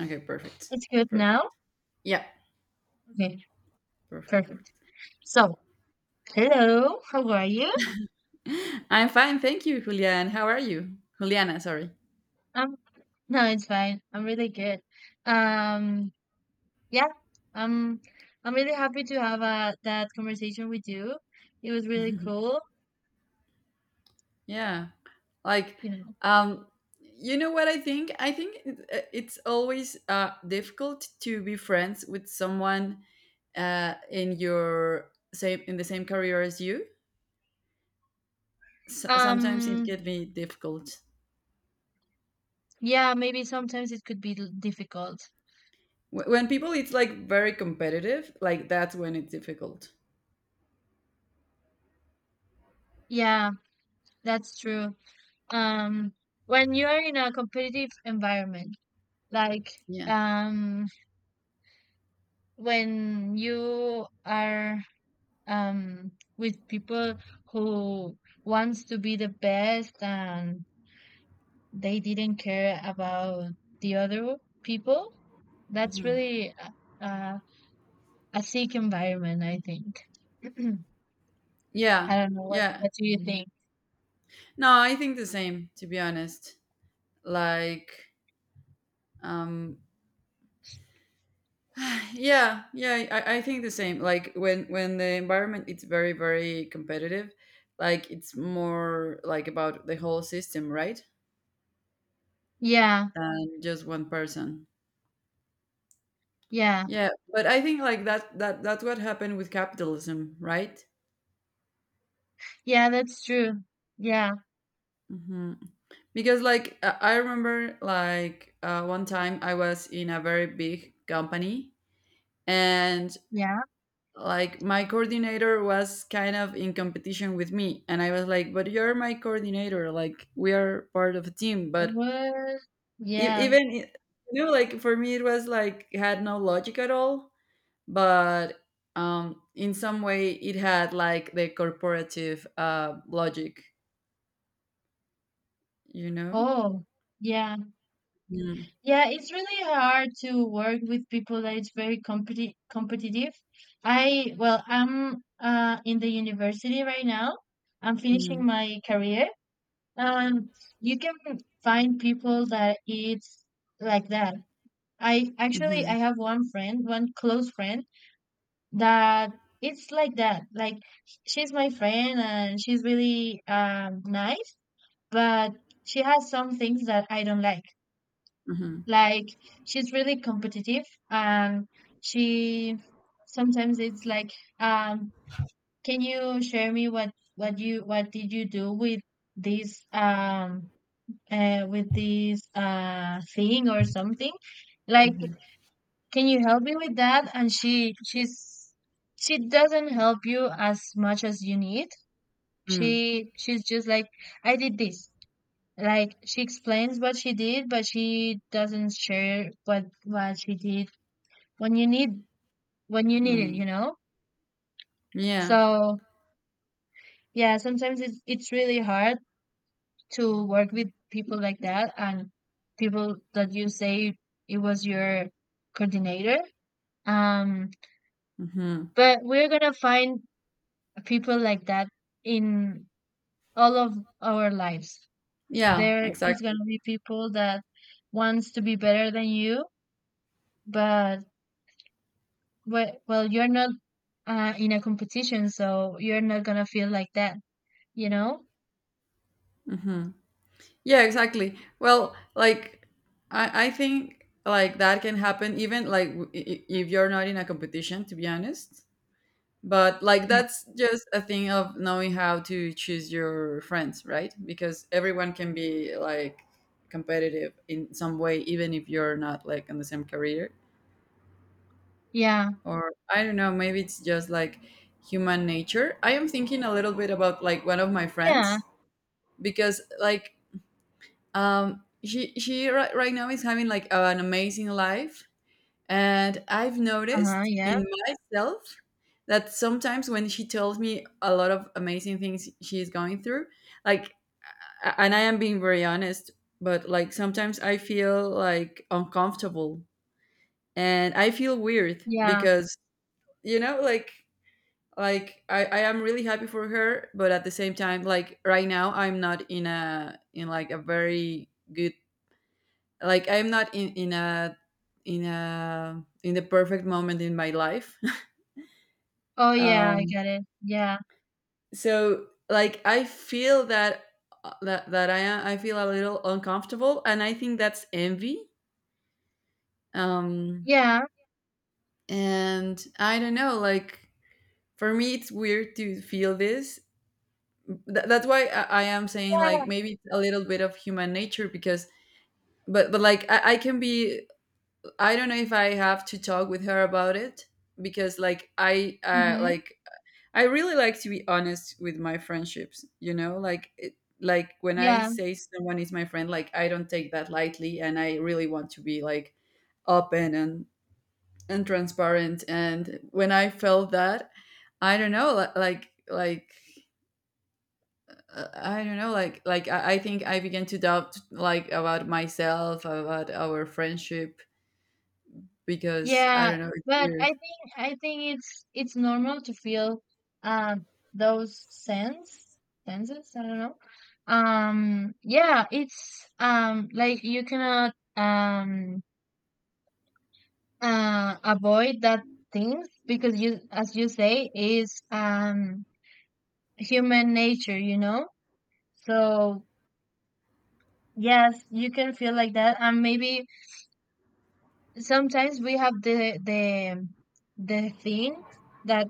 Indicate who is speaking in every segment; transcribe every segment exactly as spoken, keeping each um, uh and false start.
Speaker 1: Okay, perfect.
Speaker 2: It's good
Speaker 1: Perfect.
Speaker 2: now?
Speaker 1: Yeah,
Speaker 2: Okay,
Speaker 1: perfect, perfect.
Speaker 2: perfect. So, hello, how are you?
Speaker 1: I'm fine, thank you, Julian. How are you? Juliana, sorry.
Speaker 2: Um, no, it's fine. I'm really good. Um, yeah, um, I'm really happy to have uh, that conversation with you. It was really cool,
Speaker 1: Yeah. Like
Speaker 2: you know.
Speaker 1: um you know what I think? I think it- it's always uh difficult to be friends with someone uh in your same in the same career as you. So, sometimes it
Speaker 2: Um,
Speaker 1: can be difficult.
Speaker 2: yeah, maybe sometimes it could be l- difficult.
Speaker 1: Wh- When people it's like very competitive, like that's when it's difficult.
Speaker 2: Yeah, that's true. Um, when you are in a competitive environment, like,
Speaker 1: Yeah.
Speaker 2: um, when you are um with people who wants to be the best and they didn't care about the other people, that's
Speaker 1: Mhm.
Speaker 2: really a, a, a sick environment, I think. I
Speaker 1: Yeah.
Speaker 2: don't know, what
Speaker 1: Yeah.
Speaker 2: what do you Mhm. think?
Speaker 1: No, I think the same, to be honest. Like, um, yeah, yeah, I, I think the same. Like when when the environment it's very very competitive, like it's more like about the whole system, right?
Speaker 2: Yeah,
Speaker 1: Than just one person.
Speaker 2: yeah,
Speaker 1: Yeah, but I think like that that that's what happened with capitalism, right?
Speaker 2: yeah, that's true. Yeah,
Speaker 1: Hmm. Because like I I remember like uh, one time I was in a very big company and
Speaker 2: yeah.
Speaker 1: like my coordinator was kind of in competition with me and I was like but you're my coordinator like we are part of a team but
Speaker 2: What?
Speaker 1: e-
Speaker 2: Yeah.
Speaker 1: even i- you know like for me it was like had no logic at all but um in some way it had like the corporative uh logic you know
Speaker 2: Oh, yeah.
Speaker 1: mm.
Speaker 2: Yeah, it's really hard to work with people that it's very competi- competitive. I well, I'm uh in the university right now. I'm finishing
Speaker 1: Mm.
Speaker 2: my career. Um, you can find people that it's like that. I actually
Speaker 1: Mhm.
Speaker 2: I have one friend, one close friend that it's like that. Like, she's my friend and she's really um nice, but she has some things that I don't like.
Speaker 1: Mhm.
Speaker 2: Like, she's really competitive, and she sometimes it's like, um, can you share me what what you what did you do with this um uh with this uh thing or something? Like,
Speaker 1: Mhm.
Speaker 2: can you help me with that? And she she's she doesn't help you as much as you need.
Speaker 1: Mm.
Speaker 2: She she's just like, I did this. Like, she explains what she did, but she doesn't share what what she did when you need, when you need it,
Speaker 1: Mm,
Speaker 2: you know?
Speaker 1: yeah.
Speaker 2: So yeah, sometimes it's it's really hard to work with people like that, and people that you say it was your coordinator. Um,
Speaker 1: Mhm.
Speaker 2: but we're gonna find people like that in all of our lives.
Speaker 1: Yeah,
Speaker 2: There is
Speaker 1: exactly.
Speaker 2: gonna be people that wants to be better than you, but well, well you're not uh, in a competition, so you're not gonna feel like that, you know?
Speaker 1: Hmm. Yeah, exactly. Well, like I, I think like that can happen even like w- i- i- if you're not in a competition, to be honest. But like that's just a thing of knowing how to choose your friends, right? Because everyone can be like competitive in some way, even if you're not like on the same career.
Speaker 2: Yeah.
Speaker 1: Or I don't know, maybe it's just like human nature. I am thinking a little bit about like one of my friends
Speaker 2: Yeah.
Speaker 1: because like um she she right, right now is having like an amazing life and I've
Speaker 2: Uh-huh,
Speaker 1: noticed
Speaker 2: yeah.
Speaker 1: in myself that sometimes when she tells me a lot of amazing things she is going through like a- and I am being very honest but like sometimes I feel like uncomfortable and I feel weird
Speaker 2: Yeah.
Speaker 1: because you know like like I, I am really happy for her but at the same time like right now I'm not in a in like a very good like I'm not in in a in a in the perfect moment in my life.
Speaker 2: Oh, yeah, I
Speaker 1: um
Speaker 2: get it. Yeah.
Speaker 1: so like I feel that that that i am I feel a little uncomfortable and I think that's envy. um
Speaker 2: Yeah.
Speaker 1: and I don't know like for me it's weird to feel this. Th- that's why I, I am saying
Speaker 2: Yeah.
Speaker 1: like maybe it's a little bit of human nature because but but like I, I can be, I don't know if I have to talk with her about it because like i uh,
Speaker 2: Mhm.
Speaker 1: like I really like to be honest with my friendships, you know, like it, like when I
Speaker 2: Yeah.
Speaker 1: say someone is my friend, like I don't take that lightly and I really want to be like open and and transparent, and when I felt that, I don't know, li- like like uh, I don't know, like like I, I think I began to doubt like about myself, about our friendship because I
Speaker 2: Yeah.
Speaker 1: don't know, it's
Speaker 2: But I
Speaker 1: weird.
Speaker 2: think, I think it's it's normal to feel um those sense senses, I don't know. Um yeah, it's um like you cannot um uh avoid that things because you, as you say, is um human nature, you know? So yes, you can feel like that. And maybe sometimes we have the the the thing that,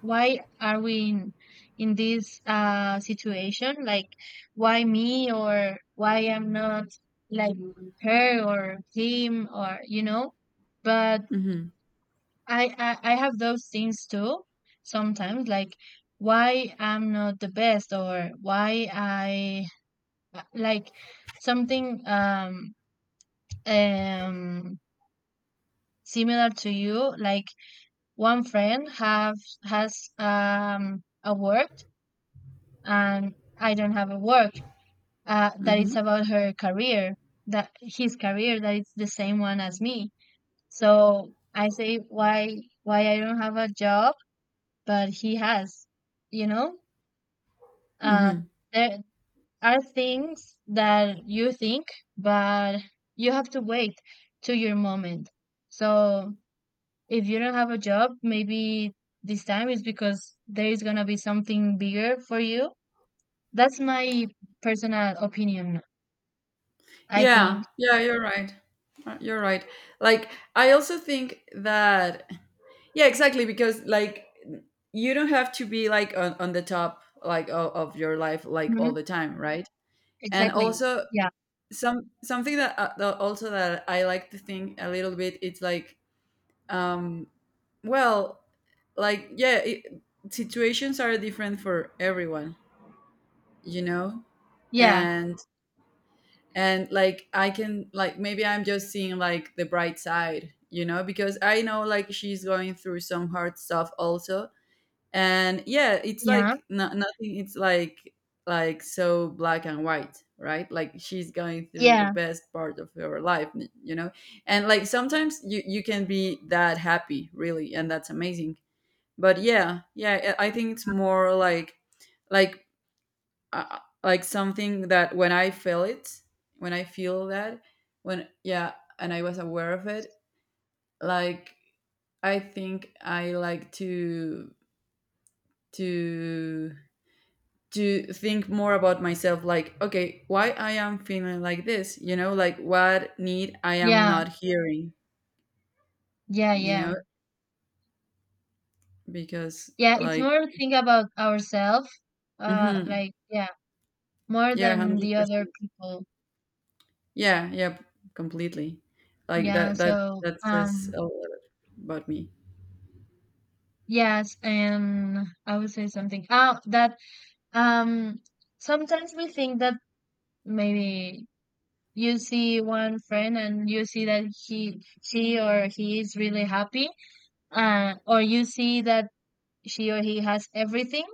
Speaker 2: why are we in in this uh situation? Like, why me, or why I'm not like her or him, or you know? But
Speaker 1: Mhm.
Speaker 2: I I, I have those things too sometimes, like why I'm not the best, or why I, like, something um um similar to you. Like, one friend have has um a work, and I don't have a work. Uh, that it's
Speaker 1: Mhm.
Speaker 2: about her career, that his career, that it's the same one as me. So I say, why why I don't have a job, but he has. You know, uh,
Speaker 1: Mhm.
Speaker 2: there are things that you think, but you have to wait to your moment. So if you don't have a job, maybe this time is because there is gonna be something bigger for you. That's my personal opinion, I
Speaker 1: Yeah.
Speaker 2: think.
Speaker 1: Yeah, you're right. Uh, You're right. Like, I also think that, yeah, exactly, because like you don't have to be like on, on the top like of, of your life like all
Speaker 2: Hmm.
Speaker 1: the time, right? And
Speaker 2: Exactly.
Speaker 1: also
Speaker 2: Yeah.
Speaker 1: some something that, uh, that also that I like to think a little bit, it's like, um, well, like yeah, it, situations are different for everyone, you know,
Speaker 2: Yeah.
Speaker 1: and and like I can, like maybe I'm just seeing like the bright side, you know because I know like she's going through some hard stuff also, and yeah it's
Speaker 2: Yeah.
Speaker 1: like no, nothing, it's like like so black and white, right, like she's going through the
Speaker 2: Yeah.
Speaker 1: best part of her life n- you know and like sometimes you you can be that happy really and that's amazing, but yeah, yeah, i I think it's more like like uh, like something that when I feel it, when I feel that, when yeah, and I was aware of it, like I think I like to to to think more about myself, like okay, why I am feeling like this, you know, like what need I am
Speaker 2: Yeah.
Speaker 1: not hearing,
Speaker 2: Yeah.
Speaker 1: you know,
Speaker 2: Yeah.
Speaker 1: because
Speaker 2: Yeah. It's
Speaker 1: like
Speaker 2: more think about ourselves, uh,
Speaker 1: mm-hmm,
Speaker 2: like, yeah, more
Speaker 1: yeah,
Speaker 2: than the other
Speaker 1: one hundred percent,
Speaker 2: people.
Speaker 1: yeah, yeah, completely, like
Speaker 2: Yeah.
Speaker 1: that that
Speaker 2: So,
Speaker 1: that says
Speaker 2: um,
Speaker 1: a lot about me.
Speaker 2: yes. And I would say something. Oh, that, um, sometimes we think that maybe you see one friend and you see that he, she, or he is really happy, uh, or you see that she or he has everything,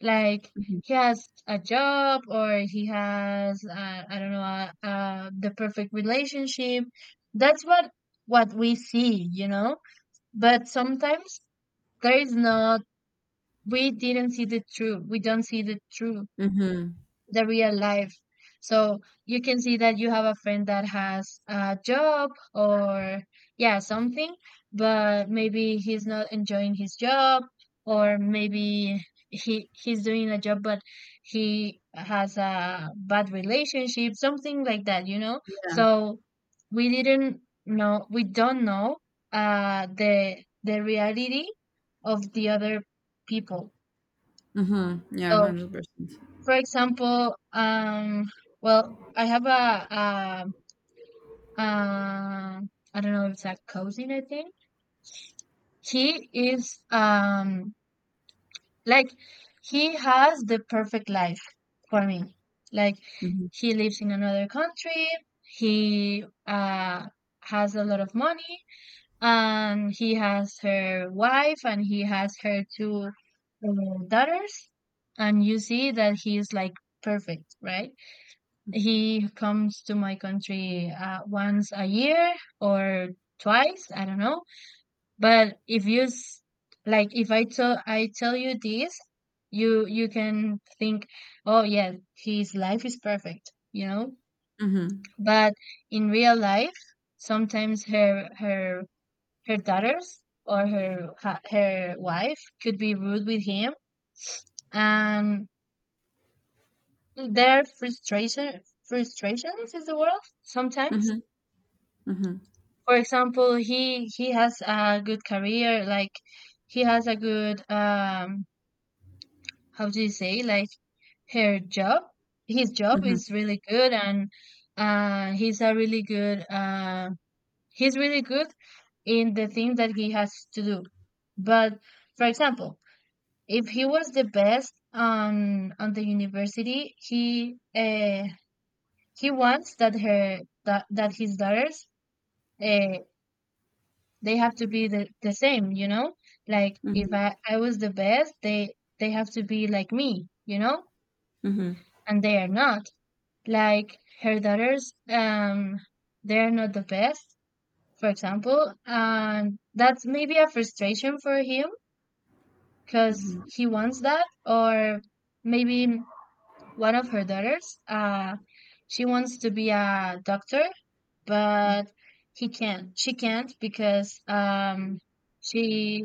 Speaker 2: like he has a job, or he has uh, I don't know, uh, uh, the perfect relationship. That's what what we see, you know? But sometimes there is not, we didn't see the truth we don't see the truth,
Speaker 1: Hmm.
Speaker 2: the real life. So you can see that you have a friend that has a job, or yeah, something, but maybe he's not enjoying his job, or maybe he he's doing a job, but he has a bad relationship, something like that, you know?
Speaker 1: Yeah.
Speaker 2: So we didn't know we don't know uh the the reality of the other people.
Speaker 1: Mhm. Yeah,
Speaker 2: So
Speaker 1: one hundred percent.
Speaker 2: for example, um, well, I have a, a, a, I don't know, it's a cousin, I think. He is, um, like, he has the perfect life for me. Like,
Speaker 1: Mhm.
Speaker 2: he lives in another country. He, uh, has a lot of money, and he has her wife, and he has her two uh, daughters. And you see that he is like perfect, right? He comes to my country uh, once a year, or twice, I don't know. But if you s- like if I tell I tell you this, you you can think, "Oh yeah, his life is perfect," you know?
Speaker 1: Mhm.
Speaker 2: But in real life, sometimes her her her daughters, or her ha- her wife could be rude with him, and their frustration frustrations is the world sometimes.
Speaker 1: Mhm. Mhm.
Speaker 2: For example, he he has a good career, like he has a good um how do you say, like her job, his job
Speaker 1: Mhm.
Speaker 2: is really good, and uh he's a really good uh he's really good in the thing that he has to do. But for example, if he was the best on on the university, he uh he wants that her, that, that his daughters, uh, they have to be the, the same, you know? Like, if
Speaker 1: Mhm.
Speaker 2: I, I was the best, they they have to be like me, you know?
Speaker 1: Mhm.
Speaker 2: And they are not. Like, her daughters, um they are not the best, for example, and that's maybe a frustration for him because
Speaker 1: Mhm.
Speaker 2: he wants that. Or maybe one of her daughters, uh she wants to be a doctor, but he can't. She can't because um she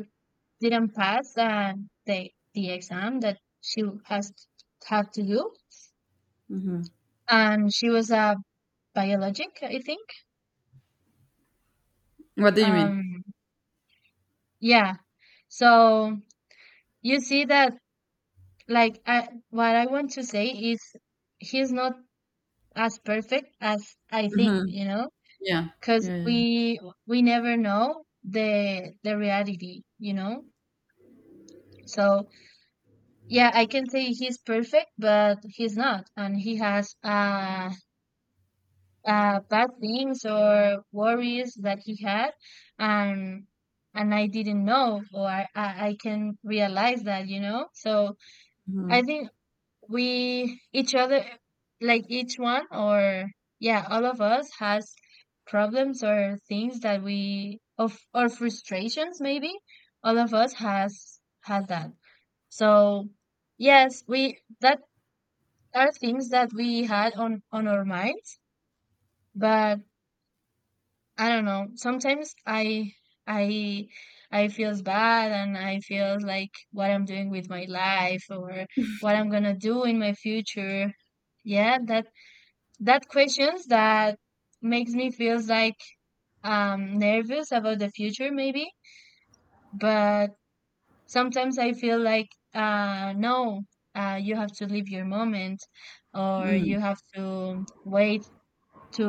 Speaker 2: didn't pass uh, the the exam that she has t- had to do,
Speaker 1: Mhm.
Speaker 2: and she was a biologic, I think.
Speaker 1: What do you mean?
Speaker 2: Um, yeah. So you see that, like, I, what I want to say is, he's not as perfect as I think,
Speaker 1: Mhm.
Speaker 2: you know,
Speaker 1: Yeah.
Speaker 2: because
Speaker 1: Yeah, yeah.
Speaker 2: we we never know the the reality, you know. So yeah, I can say he's perfect, but he's not, and he has uh, uh bad things or worries that he had, and and I didn't know, or I, I can realize that, you know. So I
Speaker 1: Mhm.
Speaker 2: think we each other, like each one, or yeah, all of us has problems or things that we of or frustrations maybe. All of us has has that. So yes, we that are things that we had on on our minds, but I don't know, sometimes i i i feels bad, and I feel like what I'm doing with my life, or what I'm gonna do in my future. Yeah, that, that questions that makes me feels like um nervous about the future maybe. But sometimes I feel like, uh no, uh you have to live your moment, or
Speaker 1: Mhm.
Speaker 2: you have to wait to,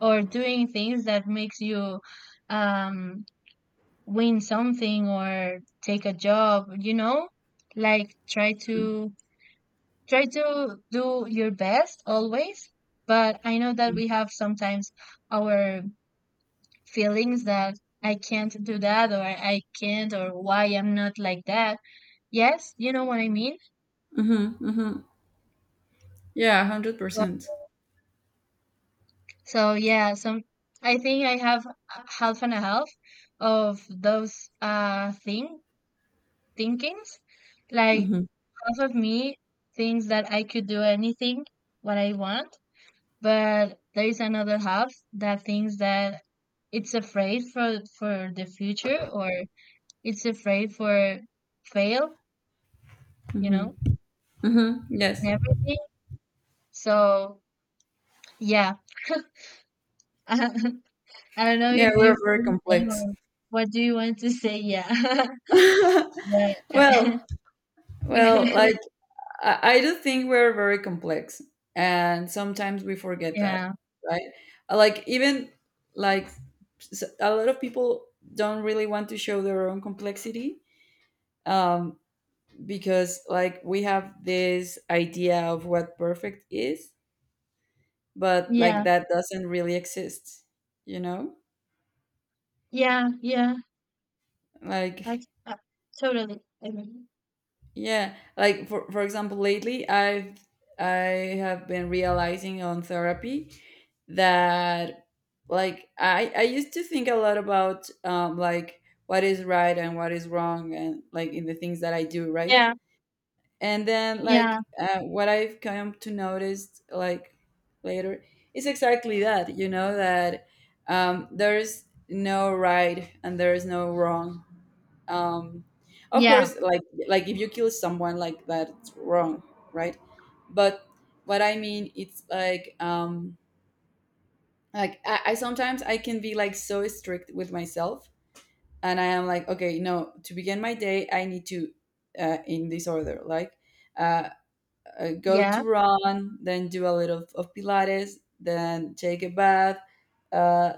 Speaker 2: or doing things that makes you um win something or take a job, you know, like try to, try to do your best always. But I know that we have sometimes our feelings that, I can't do that, or I can't, or why I'm not like that. Yes, you know what I mean.
Speaker 1: Mhm. Mhm. Yeah,
Speaker 2: So,
Speaker 1: one hundred percent.
Speaker 2: so yeah, some, I think I have a half and a half of those uh things thinkings. Like,
Speaker 1: Mhm.
Speaker 2: half of me thinks that I could do anything what I want, but there is another half that thinks that it's afraid for for the future, or it's afraid for fail, you know,
Speaker 1: Mhm. Yes.
Speaker 2: in everything. So yeah. I don't know
Speaker 1: Yeah,
Speaker 2: if
Speaker 1: we're
Speaker 2: you
Speaker 1: very
Speaker 2: feel the same,
Speaker 1: complex.
Speaker 2: or what do you want to say? Yeah. but uh,
Speaker 1: Well,
Speaker 2: yeah.
Speaker 1: well, like I, I do think we're very complex, and sometimes we forget that, right? Uh, Like even like s- a lot of people don't really want to show their own complexity, um, because like we have this idea of what perfect is, but like
Speaker 2: Yeah.
Speaker 1: that doesn't really exist, you know?
Speaker 2: Yeah. Yeah. I,
Speaker 1: Like
Speaker 2: I totally. Agree.
Speaker 1: yeah, like for for example, lately I've I have been realizing on therapy that like I I used to think a lot about um like what is right and what is wrong and like in the things that I do, right?
Speaker 2: Yeah,
Speaker 1: And then
Speaker 2: yeah,
Speaker 1: like uh, what I've come to notice like later is exactly that, you know, that um there's no right and there's no wrong. um of
Speaker 2: yeah,
Speaker 1: course, like like if you kill someone like that, it's wrong, right, but what I mean it's like um like I, I sometimes I can be like so strict with myself and I am like okay, no, to begin my day I need to, uh, in this order, like uh, uh, go
Speaker 2: yeah.
Speaker 1: to run, then do a little of pilates, then take a bath, uh,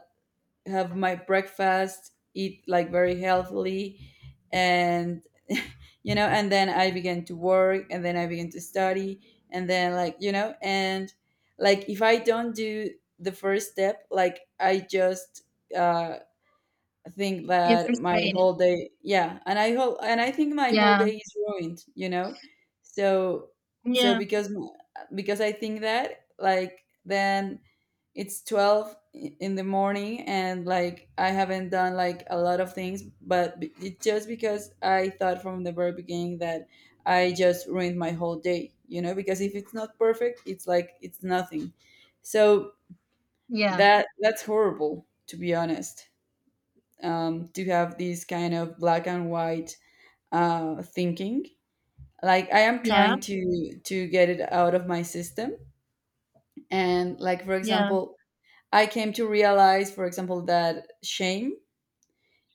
Speaker 1: have my breakfast, eat like very healthily, and you know, and then I began to work, and then I began to study, and then like, you know, and like if I don't do the first step, like I just uh, think
Speaker 2: Get
Speaker 1: that my
Speaker 2: frustrated.
Speaker 1: whole day, yeah, and I whole and I think my whole
Speaker 2: Yeah,
Speaker 1: day is ruined, you know, So so
Speaker 2: yeah,
Speaker 1: because because I think that like then it's twelve i- in the morning and like I haven't done like a lot of things but b- it's just because I thought from the very beginning that I just ruined my whole day, you know, because if it's not perfect it's like it's nothing, so
Speaker 2: yeah,
Speaker 1: that that's horrible to be honest, um, to have this kind of black and white uh, thinking, like I am
Speaker 2: yeah,
Speaker 1: trying to to get it out of my system. And like for
Speaker 2: yeah,
Speaker 1: example, I came to realize, for example, that shame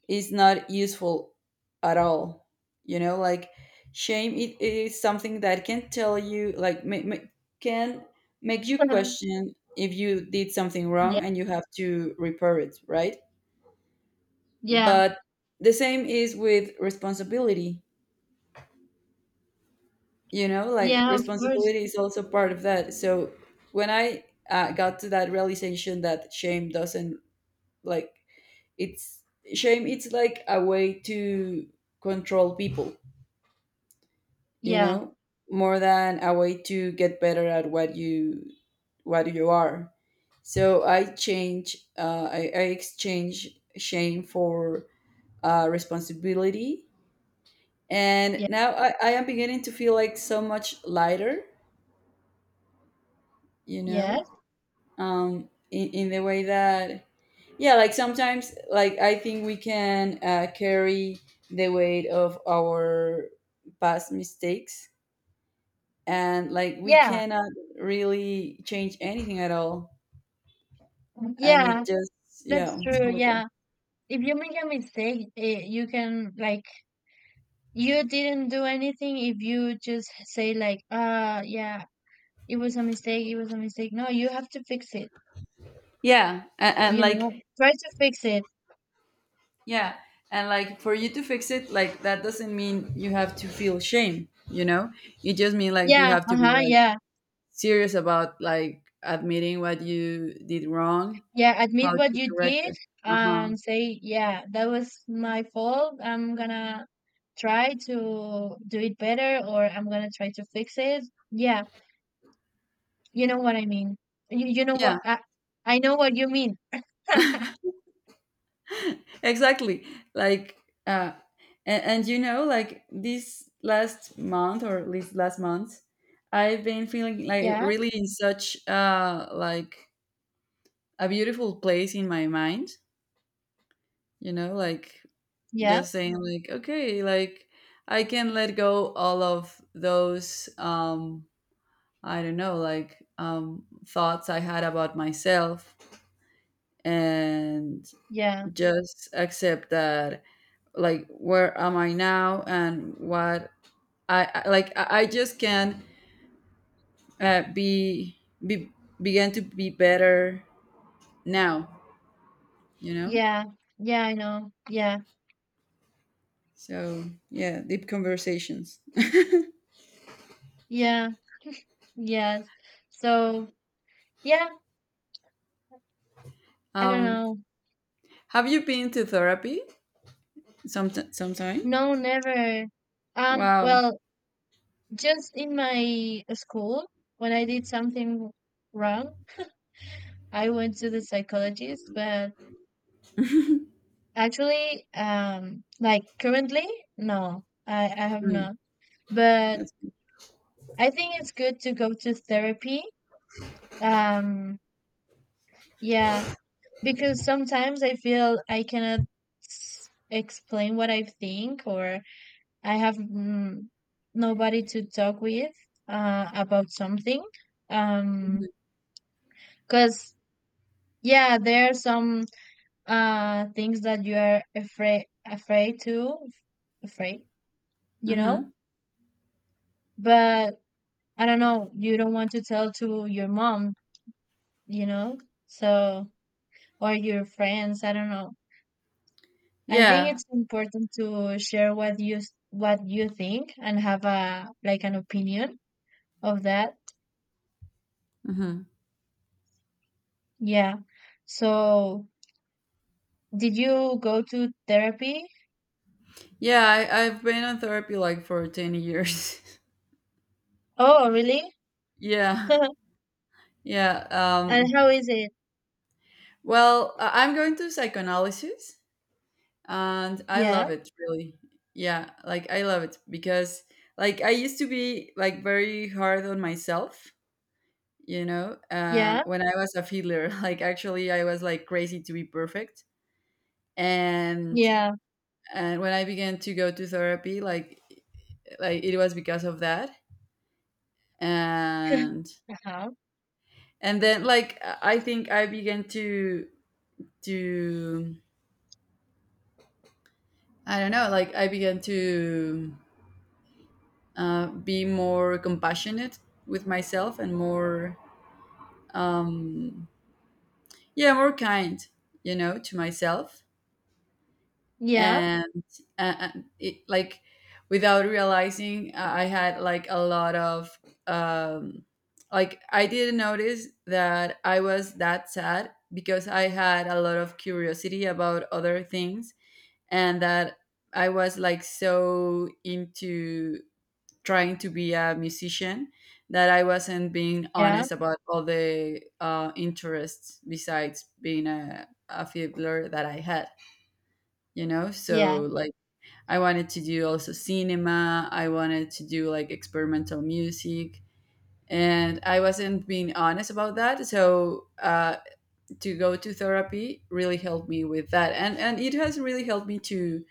Speaker 1: is not useful at all. You know, like shame, it, it is something that can tell you, like, ma- ma- can make you question if you did something
Speaker 2: yeah,
Speaker 1: wrong and you have to repair it, right?
Speaker 2: yeah,
Speaker 1: But the same is with responsibility. You know, like
Speaker 2: yeah. Of course.
Speaker 1: responsibility is also part of that. So when I uh, got to that realization that shame doesn't like It's shame. It's like a way to control people, you
Speaker 2: Yeah,
Speaker 1: know, more than a way to get better at what you what you are. So I change. Uh, I, I exchange shame for uh, responsibility, and
Speaker 2: yeah,
Speaker 1: now I, I am beginning to feel like so much lighter, you know,
Speaker 2: yes,
Speaker 1: um, in, in the way that, yeah, like sometimes like I think we can uh, carry the weight of our past mistakes and like we
Speaker 2: yeah,
Speaker 1: cannot really change anything at all, and it
Speaker 2: yeah.
Speaker 1: just, yeah,
Speaker 2: That's
Speaker 1: it's
Speaker 2: true.
Speaker 1: horrible.
Speaker 2: Yeah. If you make a mistake, eh, you can like, you didn't do anything. If you just say like, uh, yeah, it was a mistake. It was a mistake. No, you have to fix it.
Speaker 1: Yeah, and, and
Speaker 2: You know,
Speaker 1: like
Speaker 2: try to fix it.
Speaker 1: yeah, and like for you to fix it, like that doesn't mean you have to feel shame, you know, it just means like you
Speaker 2: Yeah.
Speaker 1: have to
Speaker 2: Uh
Speaker 1: be
Speaker 2: huh.
Speaker 1: like
Speaker 2: Yeah.
Speaker 1: serious about like admitting what you did wrong,
Speaker 2: Yeah,
Speaker 1: how
Speaker 2: admit what
Speaker 1: to
Speaker 2: you
Speaker 1: correct
Speaker 2: did,
Speaker 1: it. Uh-huh,
Speaker 2: and say, yeah, that was my fault. I'm gonna try to do it better, or I'm gonna try to fix it. Yeah, you know what I mean. You, you know
Speaker 1: yeah,
Speaker 2: what I, I know what you mean.
Speaker 1: exactly, like uh and, and you know like this last month, or at least last month, I've been feeling like
Speaker 2: Yeah,
Speaker 1: really in such uh like a beautiful place in my mind, you know like
Speaker 2: yeah,
Speaker 1: just saying like okay, like I can let go all of those um I don't know, like um thoughts I had about myself, and
Speaker 2: yeah,
Speaker 1: just accept that, like, where am I now and what i, I like i I just can, uh, be be begin to be better now you know
Speaker 2: yeah, yeah, I know. Yeah,
Speaker 1: so yeah, deep conversations.
Speaker 2: yeah, yes. So, yeah, I don't
Speaker 1: um
Speaker 2: know.
Speaker 1: have you been to therapy some sometime?
Speaker 2: No, never. Um,
Speaker 1: Wow.
Speaker 2: well, just in my school, when I did something wrong, I went to the psychologist, but actually, um, like currently, no, I, I have
Speaker 1: Mm,
Speaker 2: not. But
Speaker 1: that's
Speaker 2: I think it's good to go to therapy. Um, yeah, because sometimes I feel I cannot s- explain what I think, or I have mm, nobody to talk with uh, about something. Um, because yeah, there are some uh things that you are afraid afraid to afraid, you know?
Speaker 1: mm-hmm,
Speaker 2: But I don't know, you don't want to tell to your mom, you know? So, or your friends, I don't know. I think
Speaker 1: yeah,
Speaker 2: it's important to share what you s- what you think and have a like an opinion of that.
Speaker 1: mm-hmm.
Speaker 2: Yeah. So, did you go to therapy?
Speaker 1: Yeah, I, i've been on therapy like for ten years.
Speaker 2: Oh, really?
Speaker 1: Yeah, yeah,
Speaker 2: And
Speaker 1: um
Speaker 2: how is it?
Speaker 1: well, I- I'm going to psychoanalysis and I
Speaker 2: Yeah.
Speaker 1: love it really. Yeah, like I love it because like I used to be like very hard on myself, you know, uh
Speaker 2: Yeah.
Speaker 1: when I was a fiddler, like actually I was like crazy to be perfect. And
Speaker 2: Yeah.
Speaker 1: and when I began to go to therapy, like like it was because of that. And
Speaker 2: Uh-huh.
Speaker 1: and then, like, I I think I began to to I don't know, like I began to uh, be more compassionate with myself, and more um, yeah, more kind, you know to myself.
Speaker 2: Yeah.
Speaker 1: And, uh, and it, like, without realizing, uh, I had like a lot of um, like, I didn't notice that I was that sad because I had a lot of curiosity about other things, and that I was like so into trying to be a musician that I wasn't being
Speaker 2: Yeah.
Speaker 1: honest about all the uh, interests besides being a, a fiddler that I had, you know?
Speaker 2: Yeah.
Speaker 1: So, like, I wanted to do also cinema, I wanted to do like experimental music. And I wasn't being honest about that, so uh, to go to therapy really helped me with that, and and it has really helped me to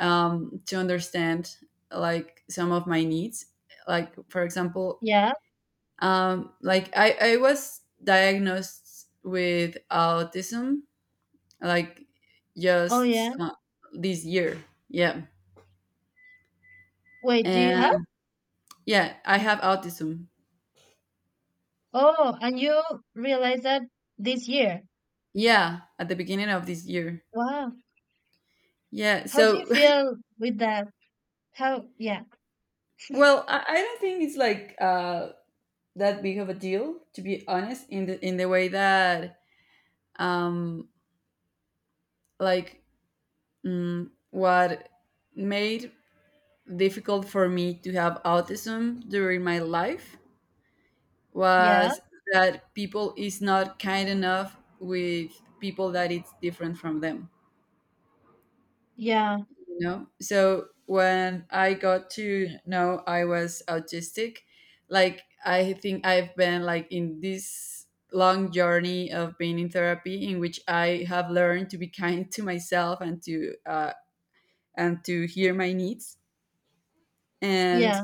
Speaker 1: um, to understand like some of my needs, like, for example,
Speaker 2: Yeah.
Speaker 1: um like, i i was diagnosed with autism. Like,
Speaker 2: Oh,
Speaker 1: just
Speaker 2: yeah.
Speaker 1: uh, this year. Yeah.
Speaker 2: Wait, do you have?
Speaker 1: And yeah, I have autism.
Speaker 2: Oh, and you realized that this year.
Speaker 1: Yeah, at the beginning of this year.
Speaker 2: Wow.
Speaker 1: Yeah,
Speaker 2: How do you
Speaker 1: so
Speaker 2: feel with that? How, yeah,
Speaker 1: well, i, I don't think it's like uh that big of a deal, to be honest, in the in the way that, um like, mm, what made difficult for me to have autism during my life
Speaker 2: yeah,
Speaker 1: was that people is not kind enough with people that it's different from them,
Speaker 2: yeah,
Speaker 1: you know so when I got to know I was autistic, like, I think I've been like in this long journey of being in therapy in which I have learned to be kind to myself and to uh, and to hear my needs. And
Speaker 2: yeah,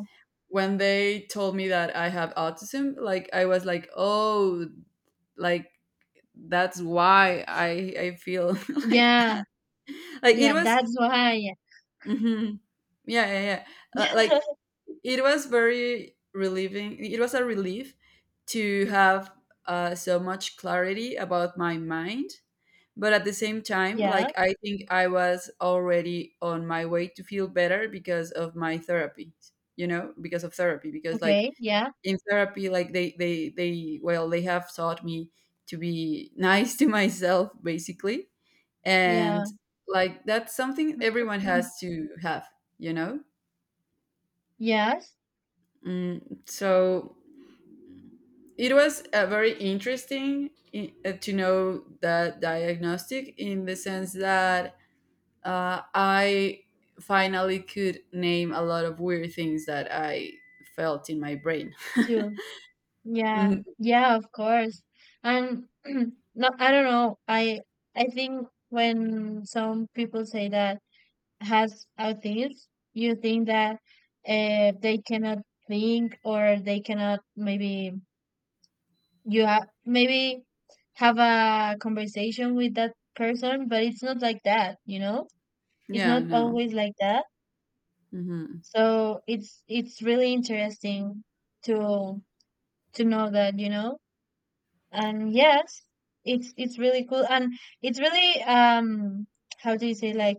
Speaker 1: when they told me that I have autism, like, I was like, oh, like, that's why I I feel like
Speaker 2: yeah,
Speaker 1: that. Like it
Speaker 2: yeah,
Speaker 1: was,
Speaker 2: that's why.
Speaker 1: mhm, yeah, yeah, yeah. Uh, Like, it was very relieving. It was a relief to have uh, so much clarity about my mind, but at the same time,
Speaker 2: Yeah,
Speaker 1: like, I think I was already on my way to feel better because of my therapy. You know, because of therapy, because, like,
Speaker 2: okay, yeah,
Speaker 1: in therapy, like, they they they well they have taught me to be nice to myself, basically.
Speaker 2: yeah.
Speaker 1: And like that's something everyone has to have, you know.
Speaker 2: Yes,
Speaker 1: mm, so it was a very interesting, i- uh, to know that diagnostic in the sense that, uh, I finally could name a lot of weird things that I felt in my brain.
Speaker 2: do. Yeah,
Speaker 1: Mm,
Speaker 2: yeah, of course. And no, I don't know. I I think when some people say that has autism, you think that uh, they cannot think, or they cannot maybe, you have maybe have a conversation with that person, but it's not like that, you know? It's
Speaker 1: yeah.
Speaker 2: not
Speaker 1: No.
Speaker 2: always like that.
Speaker 1: Hmm.
Speaker 2: So it's it's really interesting to to know that, you know? And yes, it's it's really cool, and it's really um how do you say, like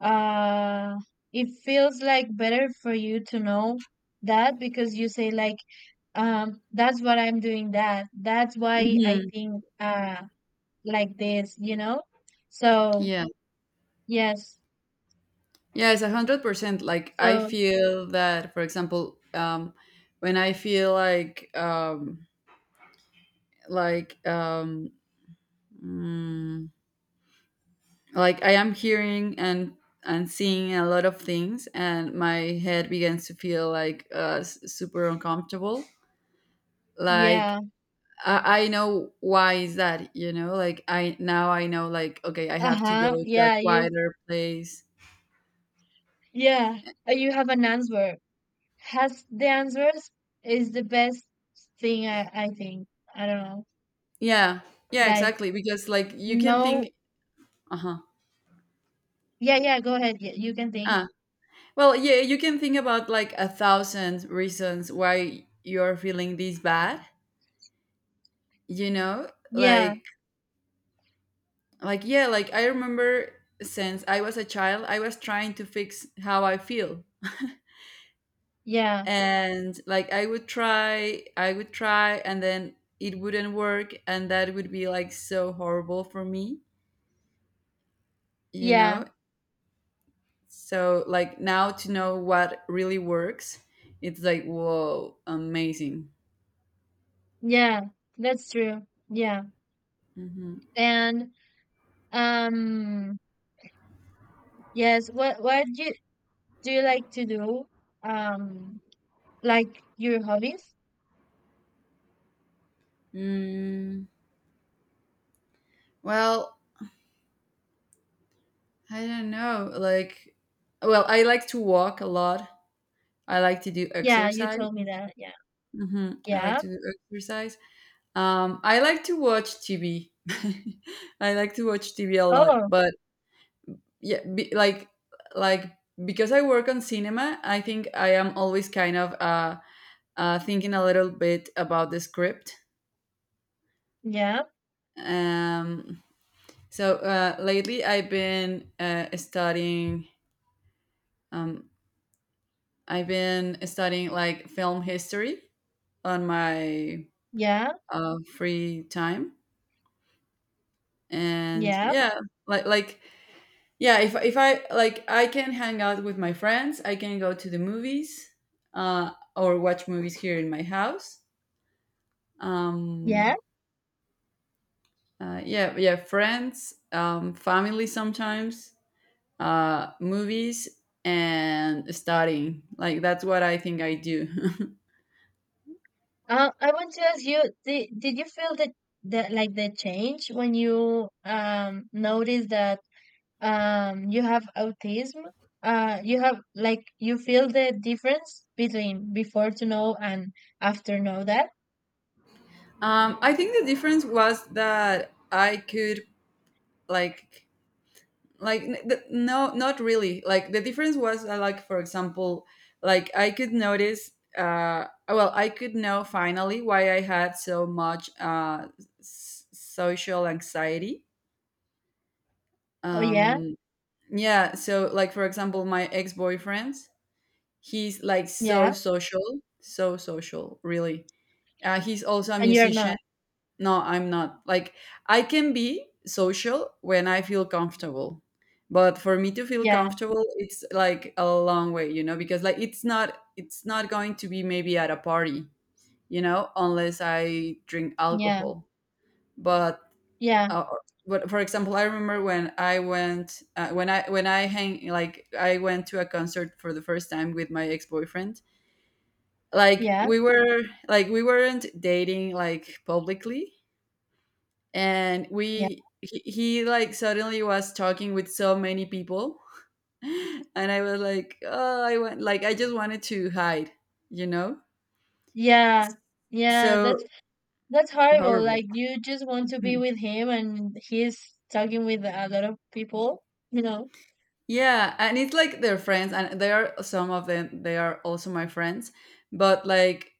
Speaker 2: uh it feels like better for you to know that, because you say like um that's what I'm doing, that that's why I
Speaker 1: Hmm.
Speaker 2: think uh like this, you know? So
Speaker 1: Yeah.
Speaker 2: yes.
Speaker 1: Yes, a hundred percent. Like I
Speaker 2: So
Speaker 1: feel that, for example, um, when I feel like, um, like, um, mm, like, I am hearing and and seeing a lot of things, and my head begins to feel like, uh, s- super uncomfortable. Like,
Speaker 2: yeah.
Speaker 1: I, I know why is that, you know? Like, I now I know, like, okay, I have to go
Speaker 2: Uh-huh.
Speaker 1: to a
Speaker 2: Yeah you
Speaker 1: quieter place.
Speaker 2: yeah, uh, you have an answer, has the answers, is the best thing i i think, I don't know.
Speaker 1: Yeah, yeah,
Speaker 2: Like,
Speaker 1: exactly. Because, like, you can think,
Speaker 2: no.
Speaker 1: uh huh.
Speaker 2: Yeah, yeah, go ahead. Yeah, you can think.
Speaker 1: Well, yeah, you can think about like a thousand reasons why you're feeling this bad, you know?
Speaker 2: Yeah,
Speaker 1: Like like yeah, like, I remember since I was a child, I was trying to fix how I feel.
Speaker 2: yeah,
Speaker 1: And like I would try, I would try, and then it wouldn't work, and that would be like so horrible for me, you
Speaker 2: yeah.
Speaker 1: know? So like now to know what really works, it's like, whoa, amazing.
Speaker 2: Yeah, that's true. Yeah.
Speaker 1: Mhm.
Speaker 2: And um yes, what what do you, do you like to do? Um like your hobbies?
Speaker 1: Mm, well, I don't know. Like, well, I like to walk a lot. I like to do
Speaker 2: Yeah, you
Speaker 1: exercise.
Speaker 2: told me that. Yeah.
Speaker 1: Hmm. I like
Speaker 2: Yeah.
Speaker 1: to do exercise. Um, I like to watch T V. I like to watch T V a lot,
Speaker 2: Oh,
Speaker 1: but yeah, be, like, like because I work on cinema, I think I am always kind of uh, uh thinking a little bit about the script.
Speaker 2: yeah.
Speaker 1: Um, so uh, lately, I've been uh, studying. Um, I've been studying like film history on my
Speaker 2: Yeah.
Speaker 1: uh, free time. And
Speaker 2: Yeah.
Speaker 1: yeah, like like yeah, if, if i like i can hang out with my friends, I can go to the movies, uh, or watch movies here in my house.
Speaker 2: Yeah.
Speaker 1: um, uh, yeah, yeah, friends, um, family sometimes, uh, movies, and studying. Like, that's what I think I do.
Speaker 2: Uh, I want to ask you, did, did you feel that that like the change when you um noticed that um you have autism, uh you have like, you feel the difference between before to know and after know that?
Speaker 1: um, I think the difference was that I could, like, like n- th- no, not really. Like, the difference was, uh, like, for example, like, I could notice, uh well, I could know finally why I had so much, uh s- social anxiety.
Speaker 2: Oh yeah.
Speaker 1: um yeah, so, like, for example, my ex-boyfriend, he's like so
Speaker 2: Yeah.
Speaker 1: social, so social, really. Uh he's also a
Speaker 2: And you're
Speaker 1: musician.
Speaker 2: not?
Speaker 1: No, I'm not. Like, I can be social when I feel comfortable. But for me to feel
Speaker 2: Yeah,
Speaker 1: comfortable, it's like a long way, you know, because, like, it's not it's not going to be maybe at a party, you know, unless I drink
Speaker 2: yeah,
Speaker 1: alcohol. But
Speaker 2: yeah,
Speaker 1: uh, but for example, I remember when I went uh, when I when I hang, like, I went to a concert for the first time with my ex-boyfriend. Like,
Speaker 2: yeah,
Speaker 1: we were, like, we weren't dating, like, publicly, and
Speaker 2: yeah,
Speaker 1: we he, he like suddenly was talking with so many people. And I was like, oh, I went like, I just wanted to hide, you know.
Speaker 2: yeah,
Speaker 1: S-
Speaker 2: yeah.
Speaker 1: so
Speaker 2: That's that's horrible,
Speaker 1: horrible.
Speaker 2: like you just want to be
Speaker 1: Mhm.
Speaker 2: with him and he's talking with a lot of people, you know?
Speaker 1: Yeah, and it's like their friends, and they are, some of them they are also my friends, but, like,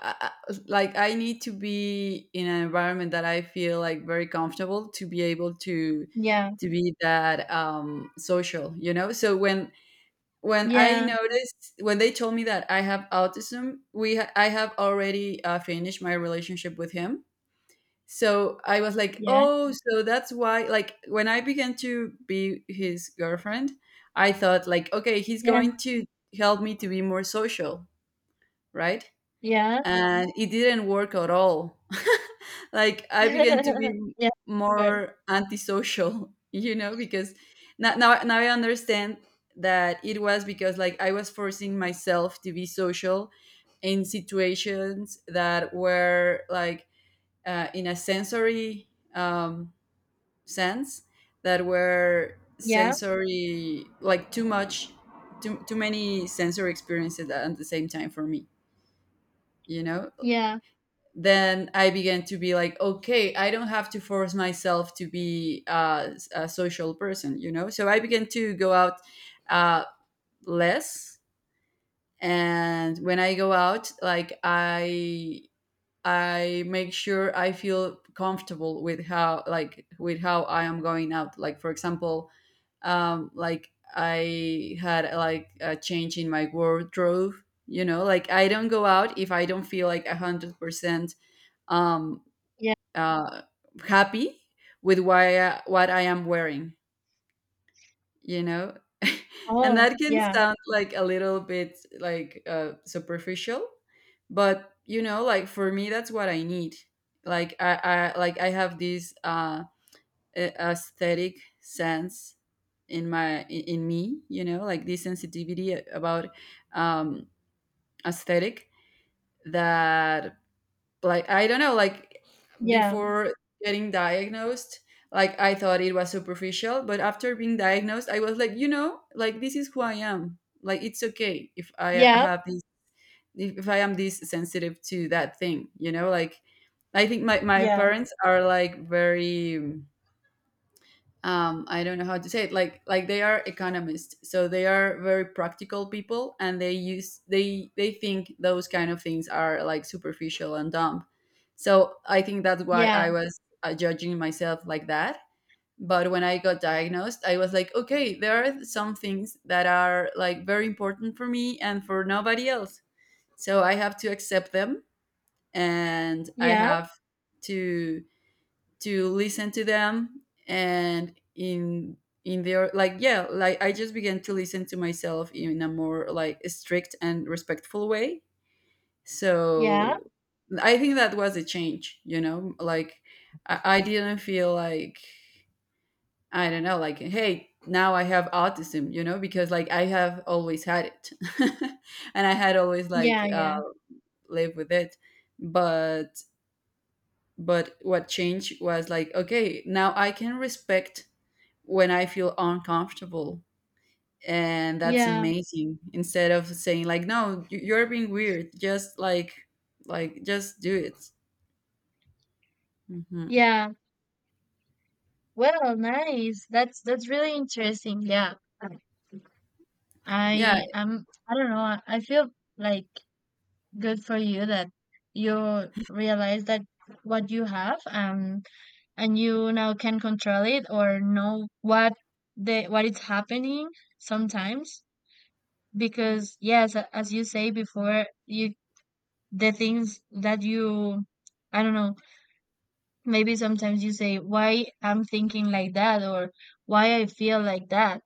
Speaker 1: I, I- like i need to be in an environment that I feel like very comfortable to be able to
Speaker 2: Yeah,
Speaker 1: to be that, um, social, you know. So when when I
Speaker 2: yeah,
Speaker 1: noticed when they told me that I have autism, we ha- I have already uh, finished my relationship with him. So I was like,
Speaker 2: yeah,
Speaker 1: oh, so that's why. Like, when I began to be his girlfriend, I thought like, okay, he's
Speaker 2: yeah,
Speaker 1: going to help me to be more social, right?
Speaker 2: yeah.
Speaker 1: And it didn't work at all. Like, I began to be
Speaker 2: Yeah, good.
Speaker 1: more antisocial, you know, because now now, now I understand that it was because, like, I was forcing myself to be social in situations that were like, uh, in a sensory, um, sense, that were
Speaker 2: Yeah,
Speaker 1: sensory, like, too much, too, too many sensory experiences at the same time for me, you know
Speaker 2: yeah,
Speaker 1: then I began to be like, okay, I don't have to force myself to be uh, a social person, you know? So I began to go out, uh, less. And when I go out, like, I. I make sure I feel comfortable with, how like with how I am going out. Like, for example, um, like, I had like a change in my wardrobe. You know, like, I don't go out if I don't feel like a hundred percent, um
Speaker 2: yeah.
Speaker 1: uh, happy with why I, what I am wearing, you know? And
Speaker 2: Oh
Speaker 1: that can
Speaker 2: yeah.
Speaker 1: sound like a little bit like, uh, superficial, but, you know, like, for me, that's what I need. Like, I, I like I have this, uh, a- aesthetic sense in my, in in me, you know, like, this sensitivity about, um, aesthetic, that, like, I don't know, like,
Speaker 2: Yeah.
Speaker 1: before getting diagnosed, like, I thought it was superficial, but after being diagnosed, I was like, you know, like, this is who I am. Like, it's okay if I
Speaker 2: Yeah.
Speaker 1: have this, if if i am this sensitive to that thing, you know. Like, I think, my, my
Speaker 2: Yeah.
Speaker 1: parents are like very, um, I don't know how to say it. Like like they are economists, so they are very practical people, and they use they they think those kind of things are like superficial and dumb. So I think that's why
Speaker 2: Yeah.
Speaker 1: I was, uh, judging myself like that. But when I got diagnosed, I was like, okay, there are some things that are like very important for me and for nobody else. So I have to accept them, and I
Speaker 2: Yeah.
Speaker 1: have to to listen to them, and in in their, like, yeah, like, I just began to listen to myself in a more like strict and respectful way.
Speaker 2: Yeah.
Speaker 1: So I think that was a change, you know. Like, i, I didn't feel like, I don't know, like, hey, now I have autism, you know, because, like, I have always had it. And I had always, like,
Speaker 2: Yeah.
Speaker 1: uh,
Speaker 2: Yeah.
Speaker 1: lived with it. But but what changed was like, okay, now I can respect when I feel uncomfortable. And that's
Speaker 2: Yeah.
Speaker 1: amazing. Instead of saying like, "No, you- you're being weird," just like, like, just do it. Hmm.
Speaker 2: Yeah. Well, nice. That's that's really interesting. Yeah.
Speaker 1: Yeah,
Speaker 2: I am, I don't know. I I feel like, good for you that you realize that what you have, um and you now can control it, or know what the what is happening sometimes, because yes, a- as you say before, you, the things that you, I don't know, maybe sometimes you say, why I'm thinking like that, or why I feel like that.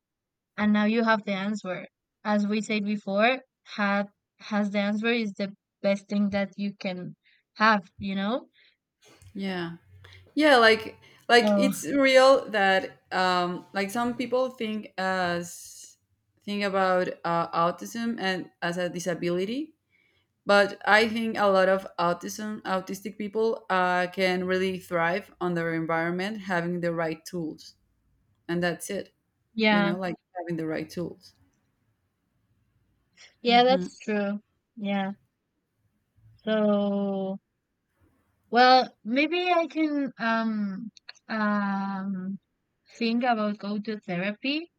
Speaker 2: And now you have the answer, as we said before, had, has the answer, is the best thing that you can have, you know?
Speaker 1: yeah, yeah. Like, like
Speaker 2: So
Speaker 1: it's real that, um, like, some people think as think about, uh, autism and as a disability, but I think a lot of autism autistic people, uh, can really thrive on their environment having the right tools, and that's it. You
Speaker 2: yeah,
Speaker 1: know, like, having the right tools.
Speaker 2: yeah,
Speaker 1: Hmm.
Speaker 2: that's true. Yeah. So, well, maybe I can um um think about go to therapy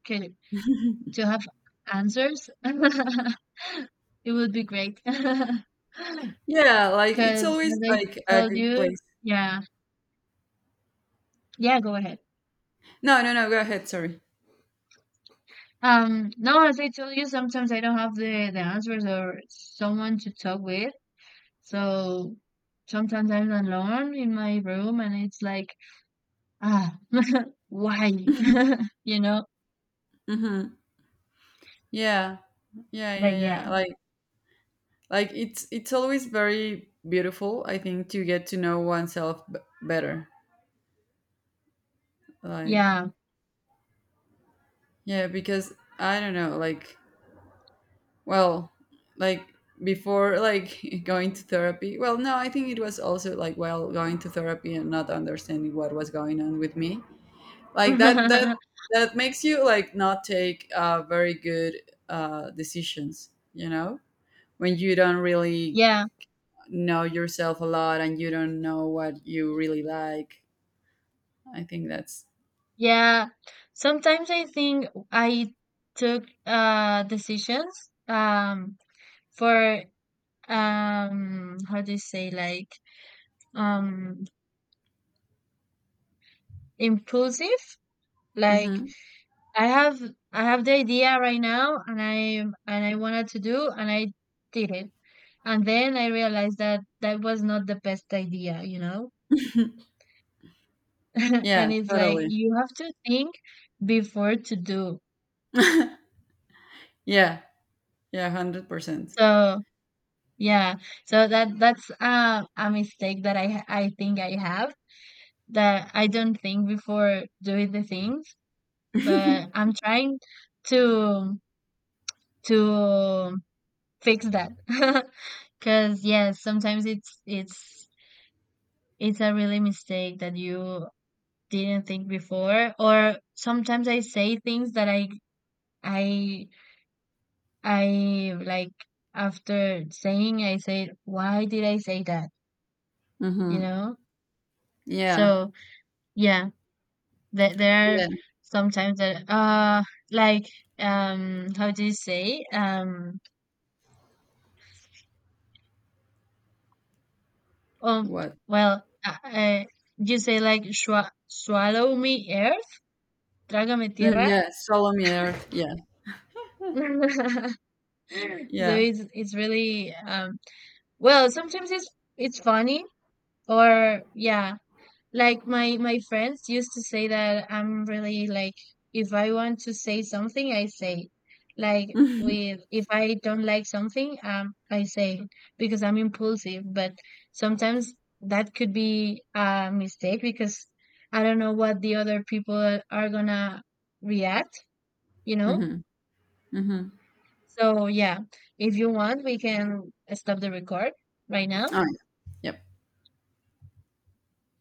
Speaker 2: to have answers, it would be great.
Speaker 1: Yeah, like, it's
Speaker 2: Because
Speaker 1: always
Speaker 2: as I
Speaker 1: like a
Speaker 2: told
Speaker 1: good
Speaker 2: you,
Speaker 1: place.
Speaker 2: yeah, yeah, go ahead.
Speaker 1: No, no, no. Go ahead. Sorry.
Speaker 2: Um, no, as I told you, sometimes I don't have the the answers or someone to talk with. So sometimes I'm alone in my room, and it's like, ah, why? you know?
Speaker 1: Hmm. Yeah, yeah, yeah,
Speaker 2: But
Speaker 1: yeah.
Speaker 2: yeah,
Speaker 1: Like, like it's it's always very beautiful. I think, to get to know oneself b- better. Like,
Speaker 2: yeah,
Speaker 1: yeah, because I don't know. Like, well, like, before, like, going to therapy, well, no, I think it was also like, well, going to therapy and not understanding what was going on with me, like, that that that makes you like not take, uh, very good, uh, decisions, you know, when you don't really
Speaker 2: yeah.
Speaker 1: know yourself a lot, and you don't know what you really like. I think that's,
Speaker 2: Yeah, sometimes I think I took uh decisions, um for, um how do you say, like um impulsive. Like
Speaker 1: hmm,
Speaker 2: I have, I have the idea right now, and I, and I wanted to do, and I did it, and then I realized that that was not the best idea, you know?
Speaker 1: yeah,
Speaker 2: And it's like
Speaker 1: totally.
Speaker 2: you have to think before to do.
Speaker 1: Yeah. Yeah, a hundred percent.
Speaker 2: So yeah, so that that's uh, a mistake that I ha- I think I have, that I don't think before doing the things, but I'm trying to to fix that. Because yes, sometimes it's it's it's a really mistake that you didn't think before, or sometimes I say things that I I I like, after saying, I say, why did I say that? You
Speaker 1: Hmm.
Speaker 2: know?
Speaker 1: Yeah,
Speaker 2: So yeah. There, there are
Speaker 1: yeah.
Speaker 2: sometimes that uh like, um how do you say, um oh,
Speaker 1: What?
Speaker 2: well, uh, uh, you say like, swa- swallow me earth, trágame
Speaker 1: Mm,
Speaker 2: tierra.
Speaker 1: yeah, solomir, yeah,
Speaker 2: So
Speaker 1: yeah.
Speaker 2: it's it's really um, well sometimes it's it's funny, or yeah. Like my my friends used to say that I'm really like, if I want to say something, I say it. Like
Speaker 1: Hmm.
Speaker 2: with, if I don't like something, um, I say it, because I'm impulsive. But sometimes that could be a mistake, because I don't know what the other people are gonna react, you know?
Speaker 1: Hmm. Hmm.
Speaker 2: So yeah, if you want, we can stop the record right now.
Speaker 1: Oh, yeah. Yep.